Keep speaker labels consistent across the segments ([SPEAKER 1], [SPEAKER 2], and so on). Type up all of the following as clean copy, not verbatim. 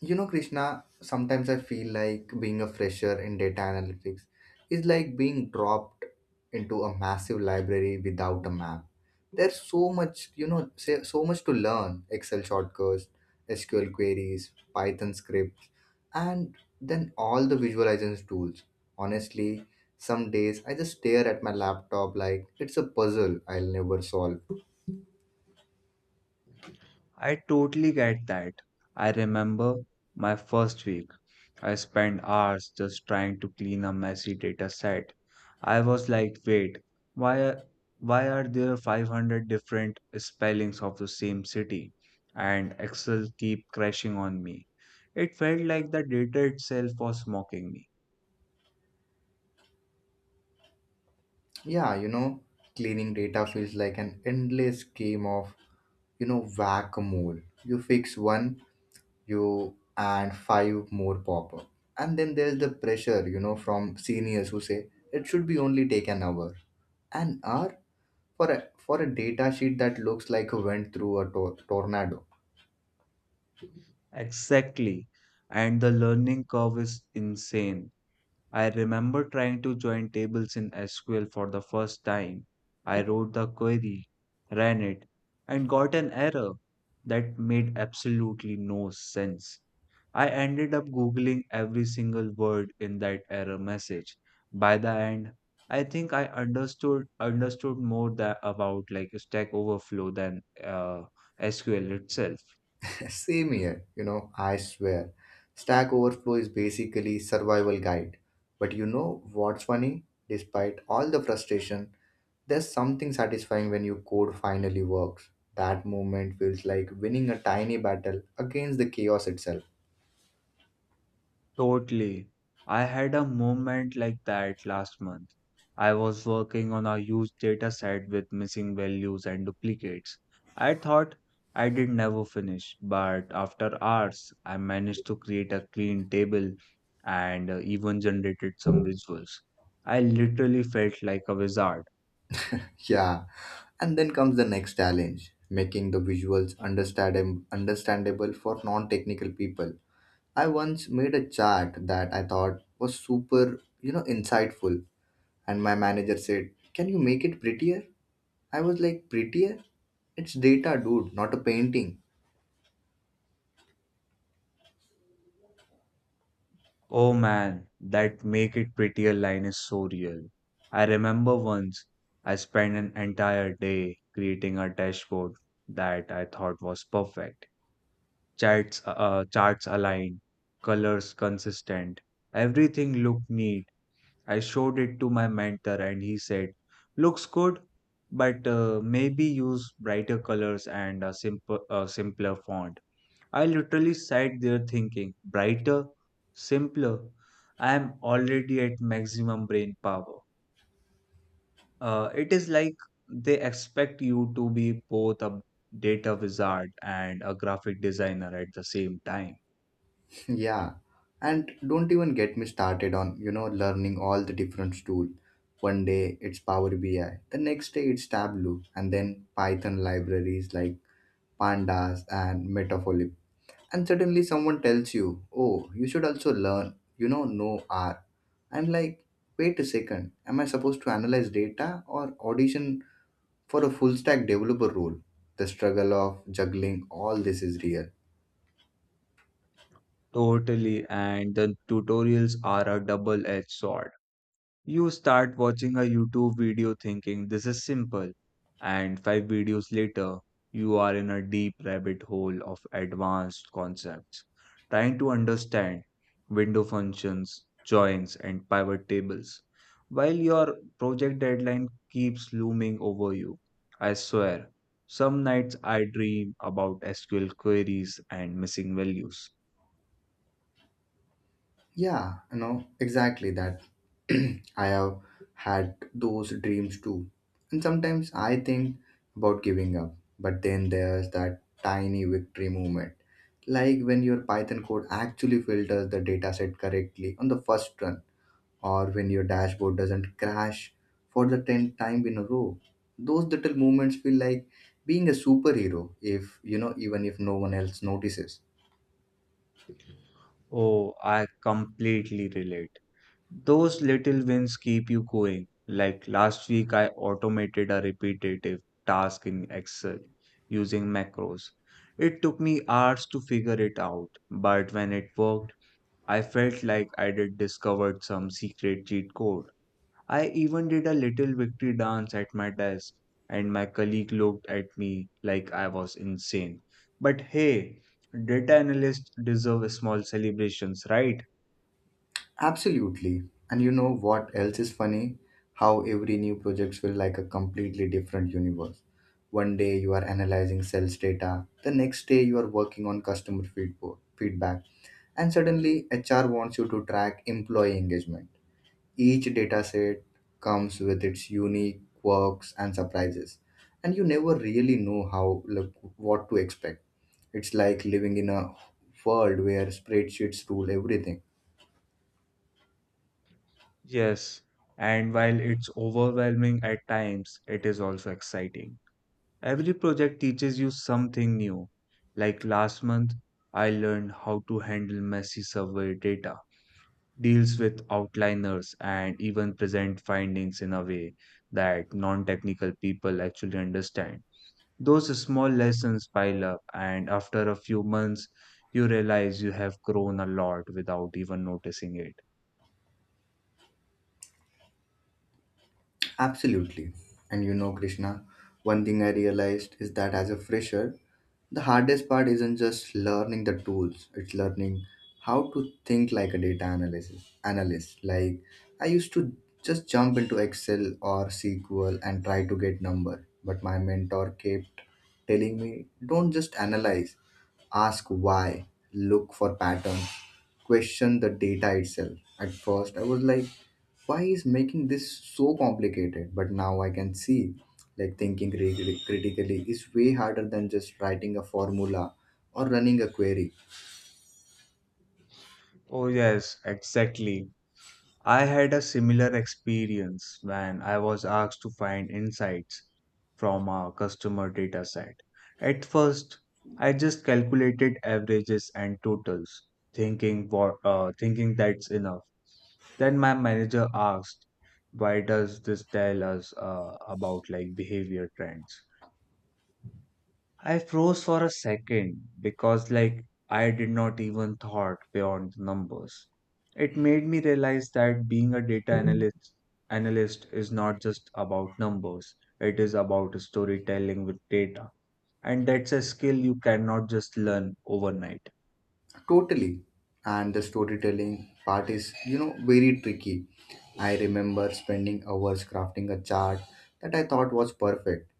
[SPEAKER 1] You know, Krishna, sometimes I feel like being a fresher in data analytics is like being dropped into a massive library without a map. There's so much, you know, say, so much to learn Excel shortcuts, SQL queries, Python scripts, and then all the visualization tools. Honestly, some days I just stare at my laptop like it's a puzzle I'll never solve.
[SPEAKER 2] I totally get that. I remember my first week. I spent hours just trying to clean a messy data set. I was like, wait, why are, why are there 500 different spellings of the same city? And Excel keep crashing on me. It felt like the data itself was mocking me.
[SPEAKER 1] Yeah, cleaning data feels like an endless game of whack a mole. You fix one, you and five more pop up. And then there's the pressure, from seniors who say it should be only take an hour. An hour for a data sheet that looks like a went through a tornado.
[SPEAKER 2] Exactly. And the learning curve is insane. I remember trying to join tables in SQL for the first time. I wrote the query, ran it, and got an error that made absolutely no sense. I ended up Googling every single word in that error message. By the end, I think I understood more that about like Stack Overflow than SQL itself.
[SPEAKER 1] Same here, I swear. Stack Overflow is basically survival guide. But you know what's funny? Despite all the frustration, there's something satisfying when your code finally works. That moment feels like winning a tiny battle against the chaos itself.
[SPEAKER 2] Totally. I had a moment like that last month. I was working on a huge data set with missing values and duplicates. I thought I did never finish, but after hours, I managed to create a clean table and even generated some visuals. I literally felt like a wizard.
[SPEAKER 1] Yeah. And then comes the next challenge, making the visuals understandable for non-technical people. I once made a chart that I thought was super, insightful. And my manager said, "Can you make it prettier?" I was like, "Prettier? It's data, dude, not a painting."
[SPEAKER 2] Oh man, that make it prettier line is so real. I remember once I spent an entire day creating a dashboard that I thought was perfect. Charts aligned, colors consistent, everything looked neat. I showed it to my mentor and he said, "Looks good, but maybe use brighter colors and a simpler font." I literally sat there thinking, brighter, simpler. I am already at maximum brain power. It is like they expect you to be both a data wizard and a graphic designer at the same time.
[SPEAKER 1] Yeah. And don't even get me started on, learning all the different tools. One day it's Power BI, the next day it's Tableau, and then Python libraries like Pandas and Metafolib. And suddenly someone tells you, oh, you should also learn, no R." I'm like, wait a second, am I supposed to analyze data or audition for a full stack developer role? The struggle of juggling all this is real.
[SPEAKER 2] Totally, and the tutorials are a double edged sword. You start watching a YouTube video thinking this is simple, and five videos later, you are in a deep rabbit hole of advanced concepts, trying to understand window functions, joins, and pivot tables, while your project deadline keeps looming over you. I swear, some nights I dream about SQL queries and missing values.
[SPEAKER 1] Yeah, exactly that. I have had those dreams too. And sometimes I think about giving up, but then there's that tiny victory moment. Like when your Python code actually filters the dataset correctly on the first run, or when your dashboard doesn't crash for the 10th time in a row. Those little moments feel like being a superhero, if you know, even if no one else notices.
[SPEAKER 2] Oh, I completely relate. Those little wins keep you going. Like last week, I automated a repetitive task in Excel using macros. It took me hours to figure it out, but when it worked, I felt like I did discovered some secret cheat code. I even did a little victory dance at my desk, and my colleague looked at me like I was insane. But hey, data analysts deserve small celebrations, right?
[SPEAKER 1] Absolutely. And you know what else is funny? How every new project feels like a completely different universe. One day you are analyzing sales data, the next day you are working on customer feedback, and suddenly HR wants you to track employee engagement. Each dataset comes with its unique quirks and surprises, and you never really know how like, what to expect. It's like living in a world where spreadsheets rule everything.
[SPEAKER 2] Yes, and while it's overwhelming at times, it is also exciting. Every project teaches you something new. Like last month, I learned how to handle messy survey data, deals with outliners, and even present findings in a way that non-technical people actually understand. Those small lessons pile up, and after a few months, you realize you have grown a lot without even noticing it.
[SPEAKER 1] Absolutely. And Krishna, one thing I realized is that as a fresher, the hardest part isn't just learning the tools, it's learning how to think like a data analysis analyst. Like I used to just jump into Excel or SQL and try to get number, but my mentor kept telling me, don't just analyze, ask why, look for patterns, question the data itself. At first, I was like, why is making this so complicated? But now I can see, like, thinking critically is way harder than just writing a formula or running a query.
[SPEAKER 2] Oh, yes, exactly. I had a similar experience when I was asked to find insights from a customer data set. At first, I just calculated averages and totals, thinking that's enough. Then my manager asked, "Why does this tell us about like behavior trends?" I froze for a second because, like, I did not even thought beyond the numbers. It made me realize that being a data analyst is not just about numbers. It is about storytelling with data, and that's a skill you cannot just learn overnight.
[SPEAKER 1] Totally. And the storytelling part is, very tricky. I remember spending hours crafting a chart that I thought was perfect,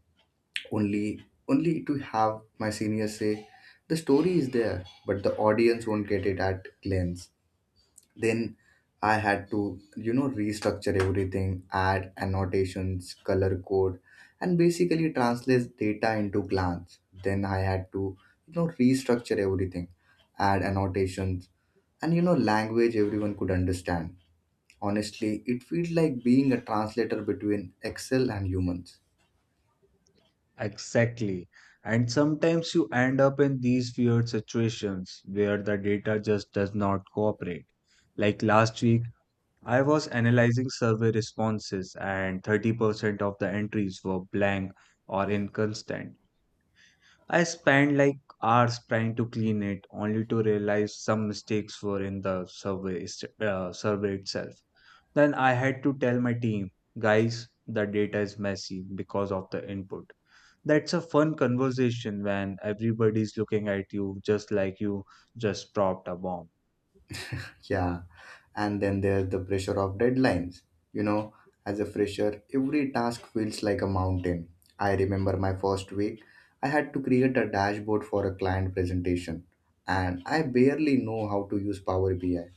[SPEAKER 1] only only to have my seniors say, the story is there, but the audience won't get it at glance. Then I had to, restructure everything, add annotations, color code, and basically translate data into glance. Then I had to, restructure everything, add annotations, and language everyone could understand. Honestly, it feels like being a translator between Excel and humans.
[SPEAKER 2] Exactly. And sometimes you end up in these weird situations where the data just does not cooperate. Like last week I was analyzing survey responses, and 30% of the entries were blank or inconsistent. I spent like hours trying to clean it, only to realize some mistakes were in the survey itself. Then I had to tell my team, guys, the data is messy because of the input. That's a fun conversation when everybody's looking at you just like you just dropped a bomb.
[SPEAKER 1] Yeah. And then there's the pressure of deadlines. You know, as a fresher, every task feels like a mountain. I remember my first week, I had to create a dashboard for a client presentation, and I barely know how to use Power BI.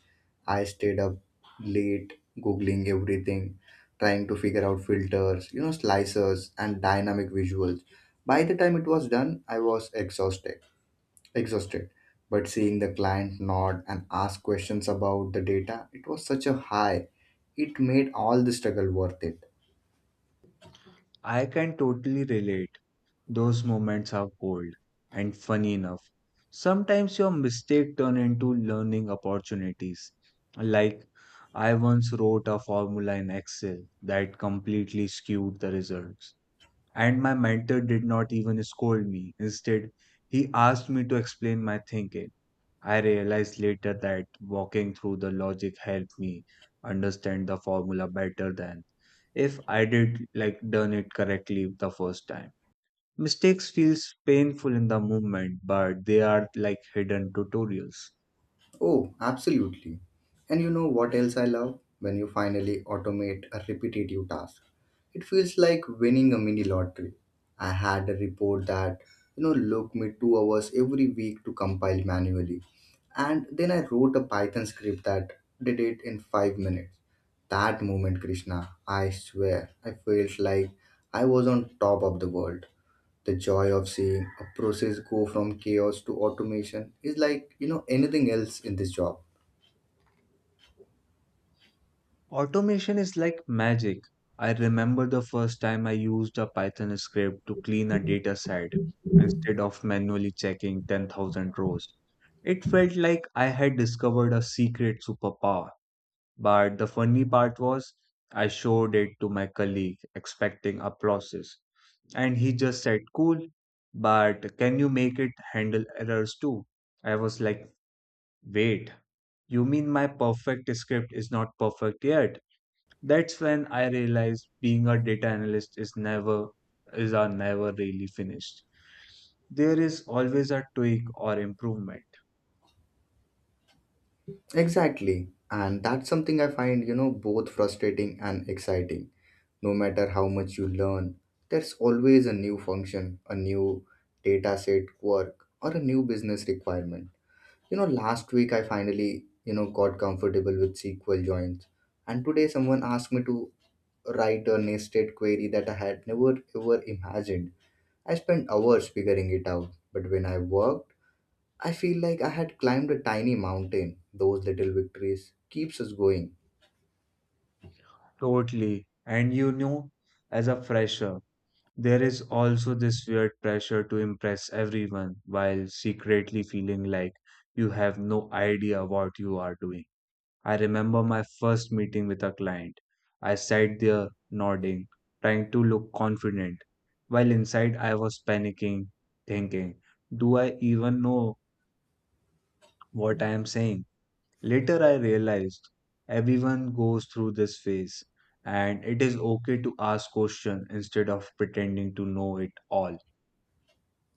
[SPEAKER 1] I stayed up late googling everything, trying to figure out filters, slicers and dynamic visuals. By the time it was done, I was exhausted. But seeing the client nod and ask questions about the data, it was such a high. It made all the struggle worth it.
[SPEAKER 2] I can totally relate. Those moments are gold. And funny enough, sometimes your mistake turn into learning opportunities. Like I once wrote a formula in Excel that completely skewed the results. And my mentor did not even scold me. Instead, he asked me to explain my thinking. I realized later that walking through the logic helped me understand the formula better than if I did like done it correctly the first time. Mistakes feels painful in the moment, but they are like hidden tutorials.
[SPEAKER 1] Oh, absolutely. And you know what else I love? When you finally automate a repetitive task. It feels like winning a mini lottery. I had a report that, you know, took me 2 hours every week to compile manually. And then I wrote a Python script that did it in 5 minutes. That moment, Krishna, I swear, I felt like I was on top of the world. The joy of seeing a process go from chaos to automation is like, anything else in this job.
[SPEAKER 2] Automation is like magic. I remember the first time I used a Python script to clean a data set instead of manually checking 10,000 rows. It felt like I had discovered a secret superpower, but the funny part was I showed it to my colleague expecting applauses, and he just said, "Cool, but can you make it handle errors too?" I was like, "Wait, you mean my perfect script is not perfect yet?" That's when I realized being a data analyst is never is are never really finished. There is always a tweak or improvement.
[SPEAKER 1] Exactly. And that's something I find, both frustrating and exciting. No matter how much you learn, there's always a new function, a new data set work, or a new business requirement. Last week I finally, got comfortable with SQL joins. And today someone asked me to write a nested query that I had never ever imagined. I spent hours figuring it out, but when I worked, I feel like I had climbed a tiny mountain. Those little victories keeps us going.
[SPEAKER 2] Totally. And you know, as a fresher, there is also this weird pressure to impress everyone while secretly feeling like you have no idea what you are doing. I remember my first meeting with a client. I sat there nodding, trying to look confident, while inside I was panicking, thinking, do I even know what I am saying? Later I realized everyone goes through this phase and it is okay to ask questions instead of pretending to know it all.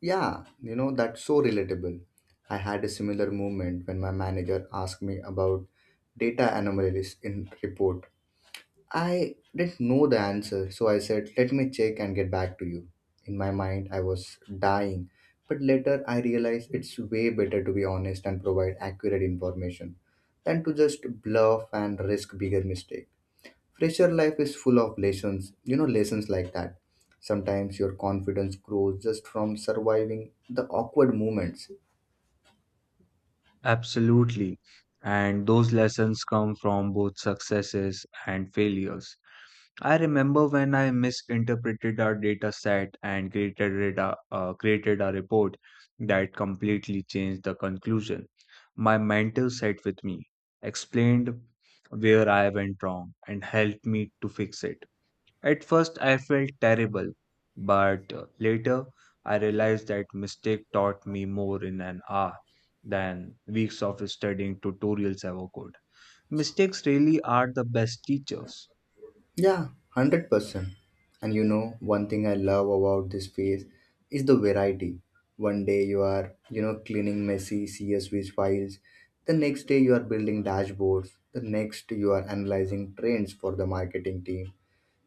[SPEAKER 1] Yeah, that's so relatable. I had a similar moment when my manager asked me about data anomalies in report. I didn't know the answer, so I said, let me check and get back to you. In my mind, I was dying, but later I realized it's way better to be honest and provide accurate information than to just bluff and risk bigger mistake. Fresher life is full of lessons, lessons like that. Sometimes your confidence grows just from surviving the awkward moments.
[SPEAKER 2] Absolutely. And those lessons come from both successes and failures. I remember when I misinterpreted our data set and created a report that completely changed the conclusion. My mentor sat with me, explained where I went wrong, and helped me to fix it. At first, I felt terrible, but later I realized that mistake taught me more in an hour than weeks of studying tutorials ever could. Mistakes really are the best teachers.
[SPEAKER 1] Yeah, 100%. And one thing I love about this phase is the variety. One day you are, cleaning messy CSV files. The next day you are building dashboards. The next you are analyzing trends for the marketing team.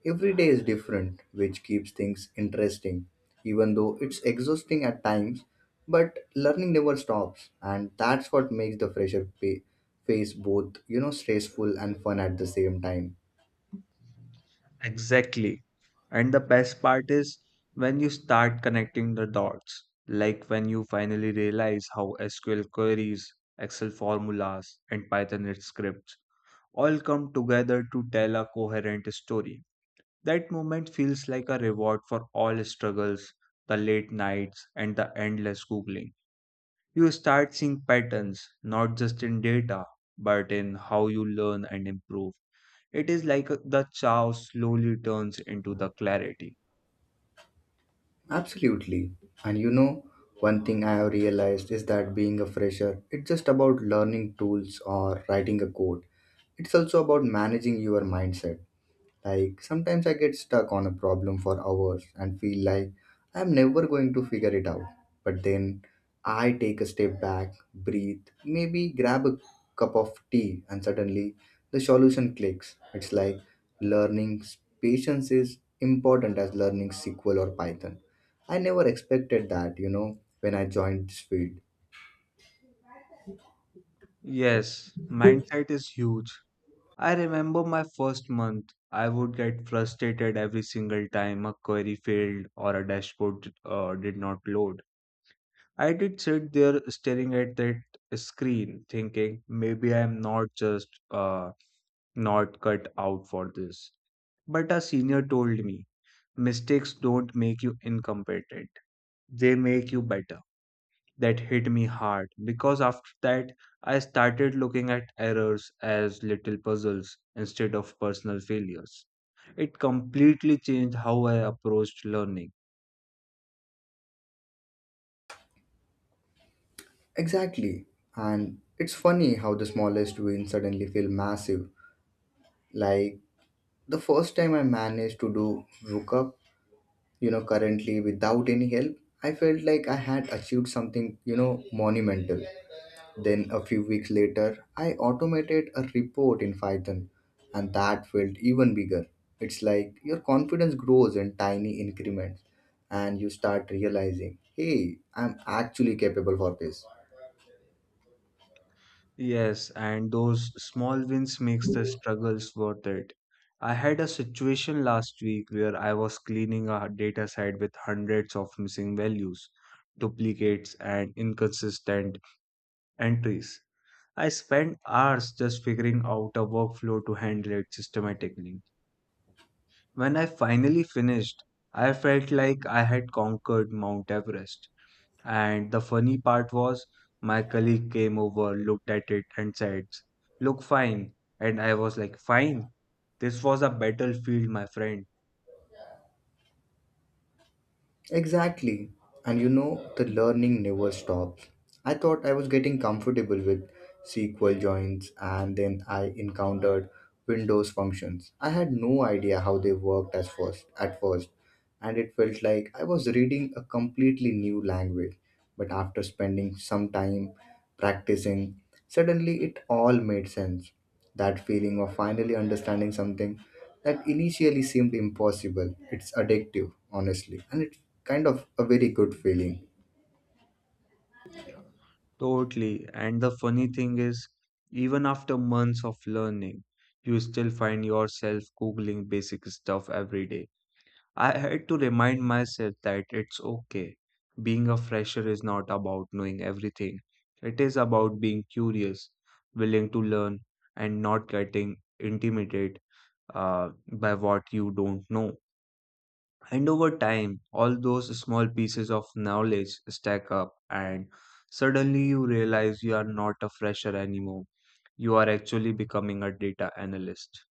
[SPEAKER 1] Every day is different, which keeps things interesting. Even though it's exhausting at times, but learning never stops. And that's what makes the fresher phase both, stressful and fun at the same time.
[SPEAKER 2] Exactly. And the best part is when you start connecting the dots, like when you finally realize how SQL queries, Excel formulas, and Python scripts all come together to tell a coherent story. That moment feels like a reward for all struggles, the late nights, and the endless Googling. You start seeing patterns, not just in data, but in how you learn and improve. It is like the chaos slowly turns into the clarity.
[SPEAKER 1] Absolutely. And one thing I have realized is that being a fresher, it's just about learning tools or writing a code. It's also about managing your mindset. Like sometimes I get stuck on a problem for hours and feel like I'm never going to figure it out. But then I take a step back, breathe, maybe grab a cup of tea, and suddenly the solution clicks. It's like learning patience is important as learning SQL or Python. I never expected that, when I joined this field.
[SPEAKER 2] Yes, mindset is huge. I remember my first month, I would get frustrated every single time a query failed or a dashboard did not load. I did sit there staring at that screen, thinking maybe I'm not just not cut out for this. But a senior told me mistakes don't make you incompetent, they make you better. That hit me hard because after that I started looking at errors as little puzzles instead of personal failures. It completely changed how I approached learning.
[SPEAKER 1] Exactly. And it's funny how the smallest wins suddenly feel massive. Like the first time I managed to do VLOOKUP, currently without any help, I felt like I had achieved something, monumental. Then a few weeks later, I automated a report in Python, and that felt even bigger. It's like your confidence grows in tiny increments, and you start realizing, hey, I'm actually capable for this.
[SPEAKER 2] Yes, and those small wins makes the struggles worth it. I had a situation last week where I was cleaning a data set with hundreds of missing values, duplicates, and inconsistent entries. I spent hours just figuring out a workflow to handle it systematically. When I finally finished, I felt like I had conquered Mount Everest. And the funny part was, my colleague came over, looked at it, and said, "Look fine." And I was like, "Fine. This was a battlefield, my friend."
[SPEAKER 1] Exactly. And the learning never stops. I thought I was getting comfortable with SQL joins, and then I encountered Windows functions. I had no idea how they worked at first, and it felt like I was reading a completely new language. But after spending some time practicing, suddenly it all made sense. That feeling of finally understanding something that initially seemed impossible, it's addictive, honestly, and it's kind of a very good feeling.
[SPEAKER 2] Totally. And the funny thing is, even after months of learning, you still find yourself Googling basic stuff every day. I had to remind myself that it's okay. Being a fresher is not about knowing everything. It is about being curious, willing to learn, and not getting intimidated by what you don't know. And over time, all those small pieces of knowledge stack up, and suddenly you realize you are not a fresher anymore. You are actually becoming a data analyst.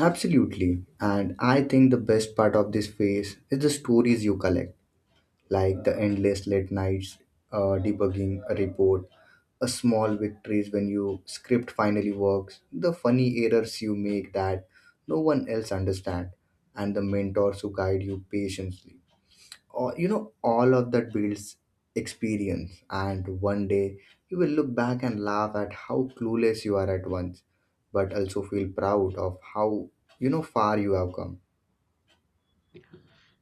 [SPEAKER 1] Absolutely. And I think the best part of this phase is the stories you collect, like the endless late nights debugging a report, a small victories when your script finally works, the funny errors you make that no one else understand, and the mentors who guide you patiently. All all of that builds experience, and one day you will look back and laugh at how clueless you are at once, but also feel proud of how far you have come.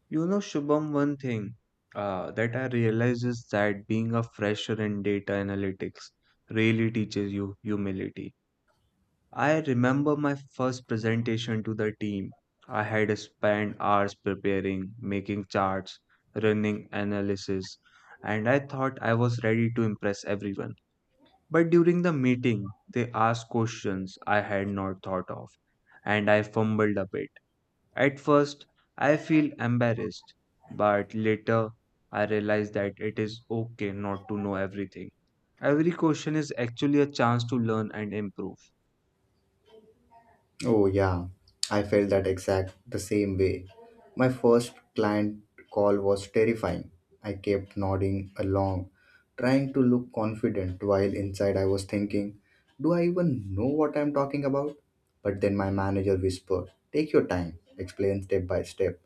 [SPEAKER 2] You know, Shubham, one thing that I realize is that being a fresher in data analytics really teaches you humility. I remember my first presentation to the team. I had spent hours preparing, making charts, running analysis, and I thought I was ready to impress everyone. But during the meeting, they asked questions I had not thought of, and I fumbled a bit. At first, I feel embarrassed, but later I realize that it is okay not to know everything. Every question is actually a chance to learn and improve.
[SPEAKER 1] Oh, yeah, I felt that exact the same way. My first client call was terrifying. I kept nodding along, trying to look confident while inside I was thinking, do I even know what I'm talking about? But then my manager whispered, take your time, explain step by step.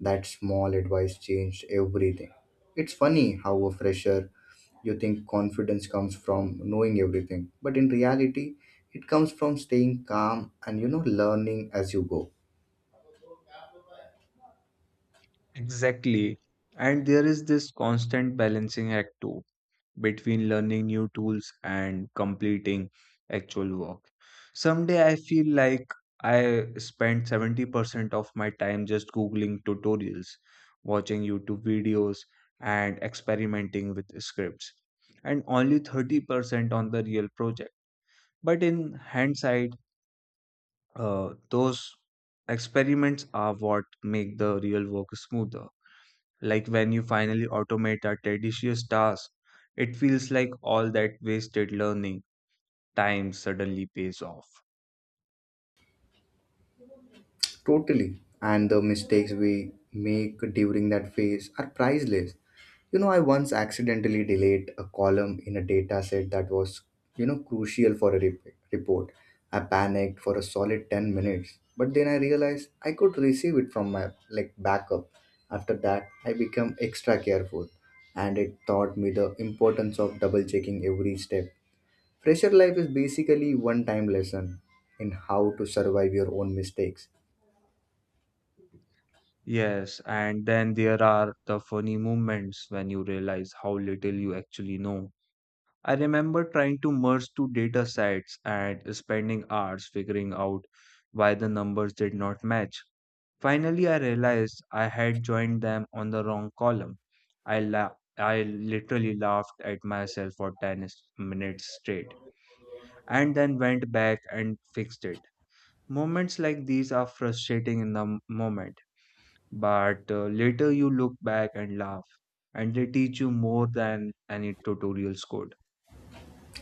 [SPEAKER 1] That small advice changed everything. It's funny how a fresher you think confidence comes from knowing everything, but in reality, it comes from staying calm and learning as you go.
[SPEAKER 2] Exactly. And there is this constant balancing act too, between learning new tools and completing actual work. Someday I feel like I spend 70% of my time just Googling tutorials, watching YouTube videos, and experimenting with scripts, and only 30% on the real project. But in hindsight, those experiments are what make the real work smoother. Like when you finally automate a tedious task, it feels like all that wasted learning time suddenly pays off.
[SPEAKER 1] Totally. And the mistakes we make during that phase are priceless. I once accidentally delayed a column in a data set that was, crucial for a report. I panicked for a solid 10 minutes, but then I realized I could receive it from my backup. After that, I become extra careful and it taught me the importance of double checking every step. Fresher life is basically one time lesson in how to survive your own mistakes.
[SPEAKER 2] Yes, and then there are the funny moments when you realize how little you actually know. I remember trying to merge two data sets and spending hours figuring out why the numbers did not match. Finally, I realized I had joined them on the wrong column. I la- I literally laughed at myself for 10 minutes straight, and then went back and fixed it. Moments like these are frustrating in the moment, but later you look back and laugh, and they teach you more than any tutorials could.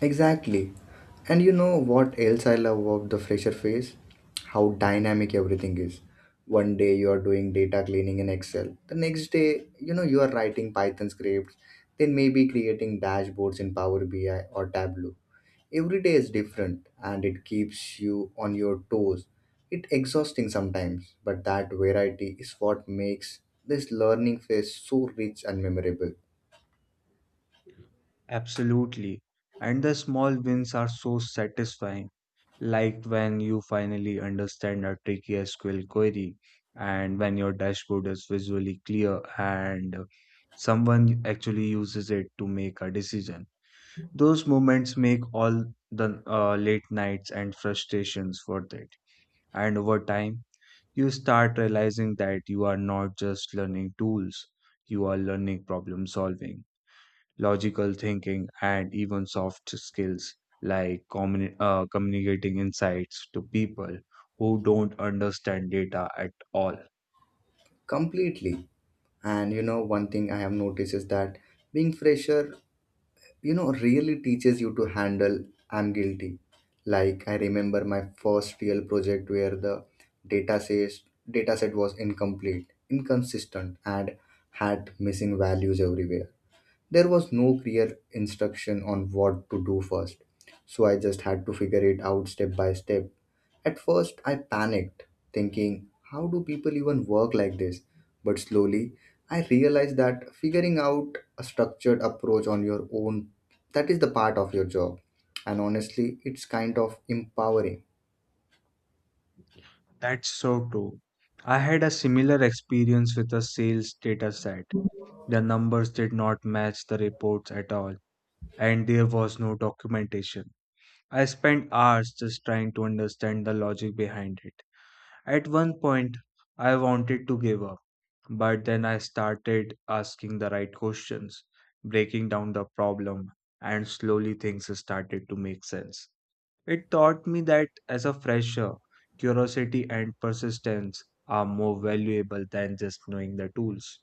[SPEAKER 1] Exactly. And you know what else I love about the fresher phase? How dynamic everything is. One day you are doing data cleaning in Excel. The next day, you are writing Python scripts, then maybe creating dashboards in Power BI or Tableau. Every day is different and it keeps you on your toes. It exhausting sometimes, but that variety is what makes this learning phase so rich and memorable.
[SPEAKER 2] Absolutely. And the small wins are so satisfying, like when you finally understand a tricky SQL query, and when your dashboard is visually clear and someone actually uses it to make a decision. Those moments make all the late nights and frustrations worth it. And over time, you start realizing that you are not just learning tools, you are learning problem solving, logical thinking, and even soft skills like communicating insights to people who don't understand data at all.
[SPEAKER 1] Completely. And you know, one thing I have noticed is that being fresher, you know, really teaches you to handle. I'm guilty. Like, I remember my first real project where the data says data set was incomplete, inconsistent, and had missing values everywhere. There was no clear instruction on what to do first, so I just had to figure it out step by step. At first, I panicked, thinking, how do people even work like this? But slowly, I realized that figuring out a structured approach on your own, that is the part of your job. And honestly, it's kind of empowering.
[SPEAKER 2] That's so true. I had a similar experience with a sales data set. The numbers did not match the reports at all and there was no documentation. I spent hours just trying to understand the logic behind it. At one point, I wanted to give up, but then I started asking the right questions, breaking down the problem, and slowly things started to make sense. It taught me that as a fresher, curiosity and persistence are more valuable than just knowing the tools.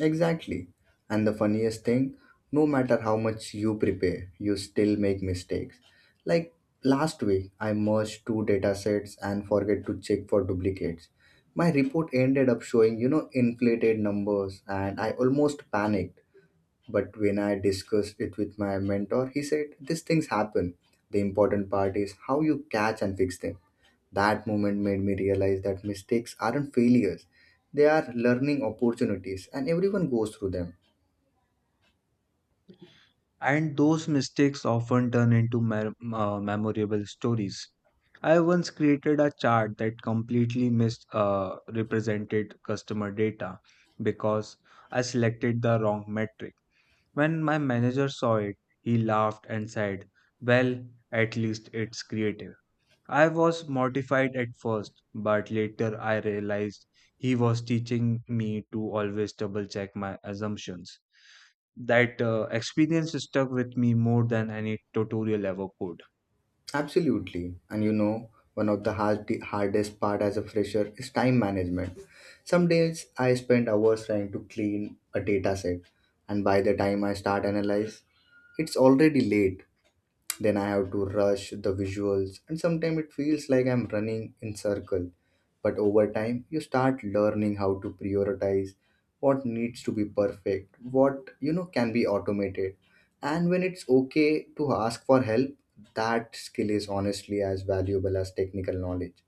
[SPEAKER 1] Exactly. And the funniest thing, no matter how much you prepare, you still make mistakes. Like last week, I merged two datasets and forget to check for duplicates. My report ended up showing, inflated numbers and I almost panicked. But when I discussed it with my mentor, he said, "These things happen. The important part is how you catch and fix them." That moment made me realize that mistakes aren't failures, they are learning opportunities, and everyone goes through them.
[SPEAKER 2] And those mistakes often turn into memorable stories. I once created a chart that completely missed represented customer data because I selected the wrong metric. When my manager saw it, he laughed and said, "Well, at least it's creative." I was mortified at first, but later I realized he was teaching me to always double check my assumptions. That experience stuck with me more than any tutorial ever could.
[SPEAKER 1] Absolutely. And you know, one of the hardest part as a fresher is time management. Some days I spend hours trying to clean a data set, and by the time I start analyze, it's already late. Then I have to rush the visuals, and sometimes it feels like I'm running in circle. But over time, you start learning how to prioritize what needs to be perfect, what you know can be automated, and when it's okay to ask for help. That skill is honestly as valuable as technical knowledge.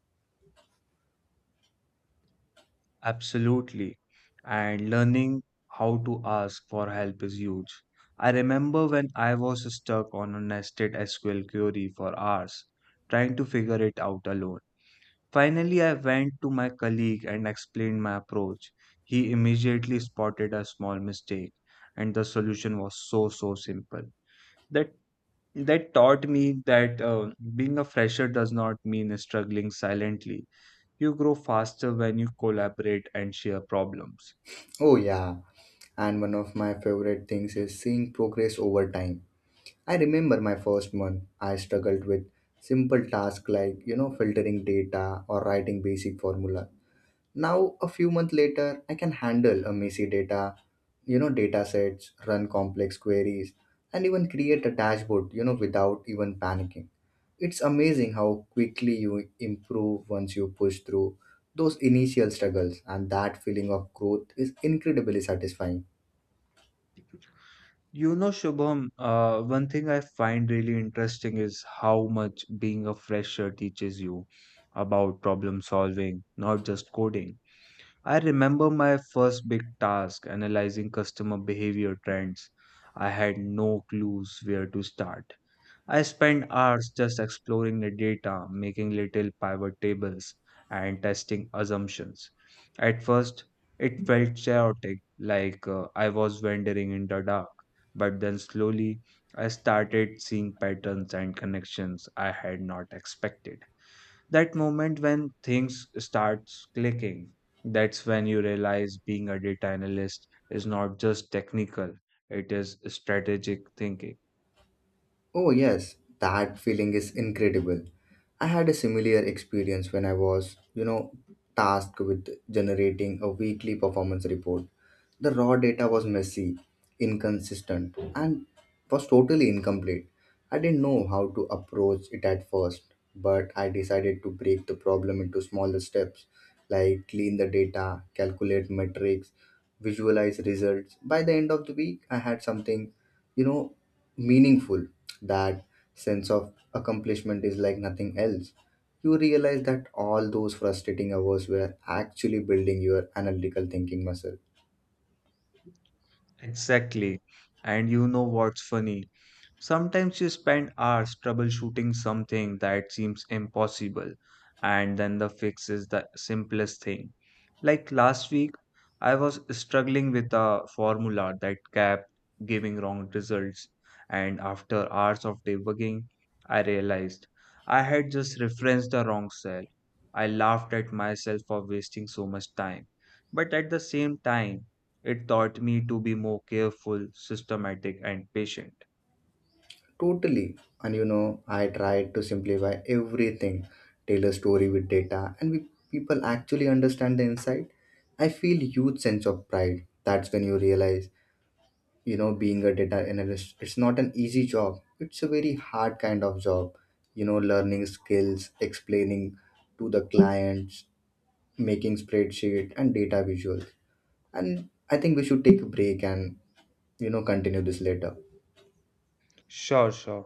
[SPEAKER 2] Absolutely. And learning how to ask for help is huge. I remember when I was stuck on a nested SQL query for hours, trying to figure it out alone. Finally, I went to my colleague and explained my approach. He immediately spotted a small mistake, and the solution was so so simple. That that taught me that being a fresher does not mean struggling silently. You grow faster when you collaborate and share problems.
[SPEAKER 1] Oh yeah, and one of my favorite things is seeing progress over time. I remember my first month, I struggled with simple tasks like, filtering data or writing basic formula. Now, a few months later, I can handle a messy data sets, run complex queries, and even create a dashboard, without even panicking. It's amazing how quickly you improve once you push through those initial struggles, and that feeling of growth is incredibly satisfying.
[SPEAKER 2] You know, Shubham, one thing I find really interesting is how much being a fresher teaches you about problem solving, not just coding. I remember my first big task analyzing customer behavior trends. I had no clues where to start. I spent hours just exploring the data, making little pivot tables, and testing assumptions. At first, it felt chaotic, like I was wandering in the dark. But then slowly, I started seeing patterns and connections I had not expected. That moment when things starts clicking, that's when you realize being a data analyst is not just technical, it is strategic thinking.
[SPEAKER 1] Oh, yes, that feeling is incredible. I had a similar experience when I was, tasked with generating a weekly performance report. The raw data was messy, inconsistent, and was totally incomplete. I didn't know how to approach it at first, but I decided to break the problem into smaller steps, like clean the data, calculate metrics, visualize results. By the end of the week, I had something, you know meaningful. That sense of accomplishment is like nothing else. You realize that all those frustrating hours were actually building your analytical thinking muscle.
[SPEAKER 2] Exactly. And you know what's funny, sometimes you spend hours troubleshooting something that seems impossible, and then the fix is the simplest thing. Like last week, I was struggling with a formula that kept giving wrong results, and after hours of debugging, I realized I had just referenced the wrong cell. I laughed at myself for wasting so much time, but at the same time, it taught me to be more careful, systematic, and patient.
[SPEAKER 1] Totally. And you know, I tried to simplify everything, tailor story with data, and people actually understand the insight. I feel huge sense of pride. That's when you realize, you know, being a data analyst, it's not an easy job, it's a very hard kind of job. You know, learning skills, explaining to the clients, making spreadsheet and data visuals. And I think we should take a break and, continue this later.
[SPEAKER 2] شارژ شو.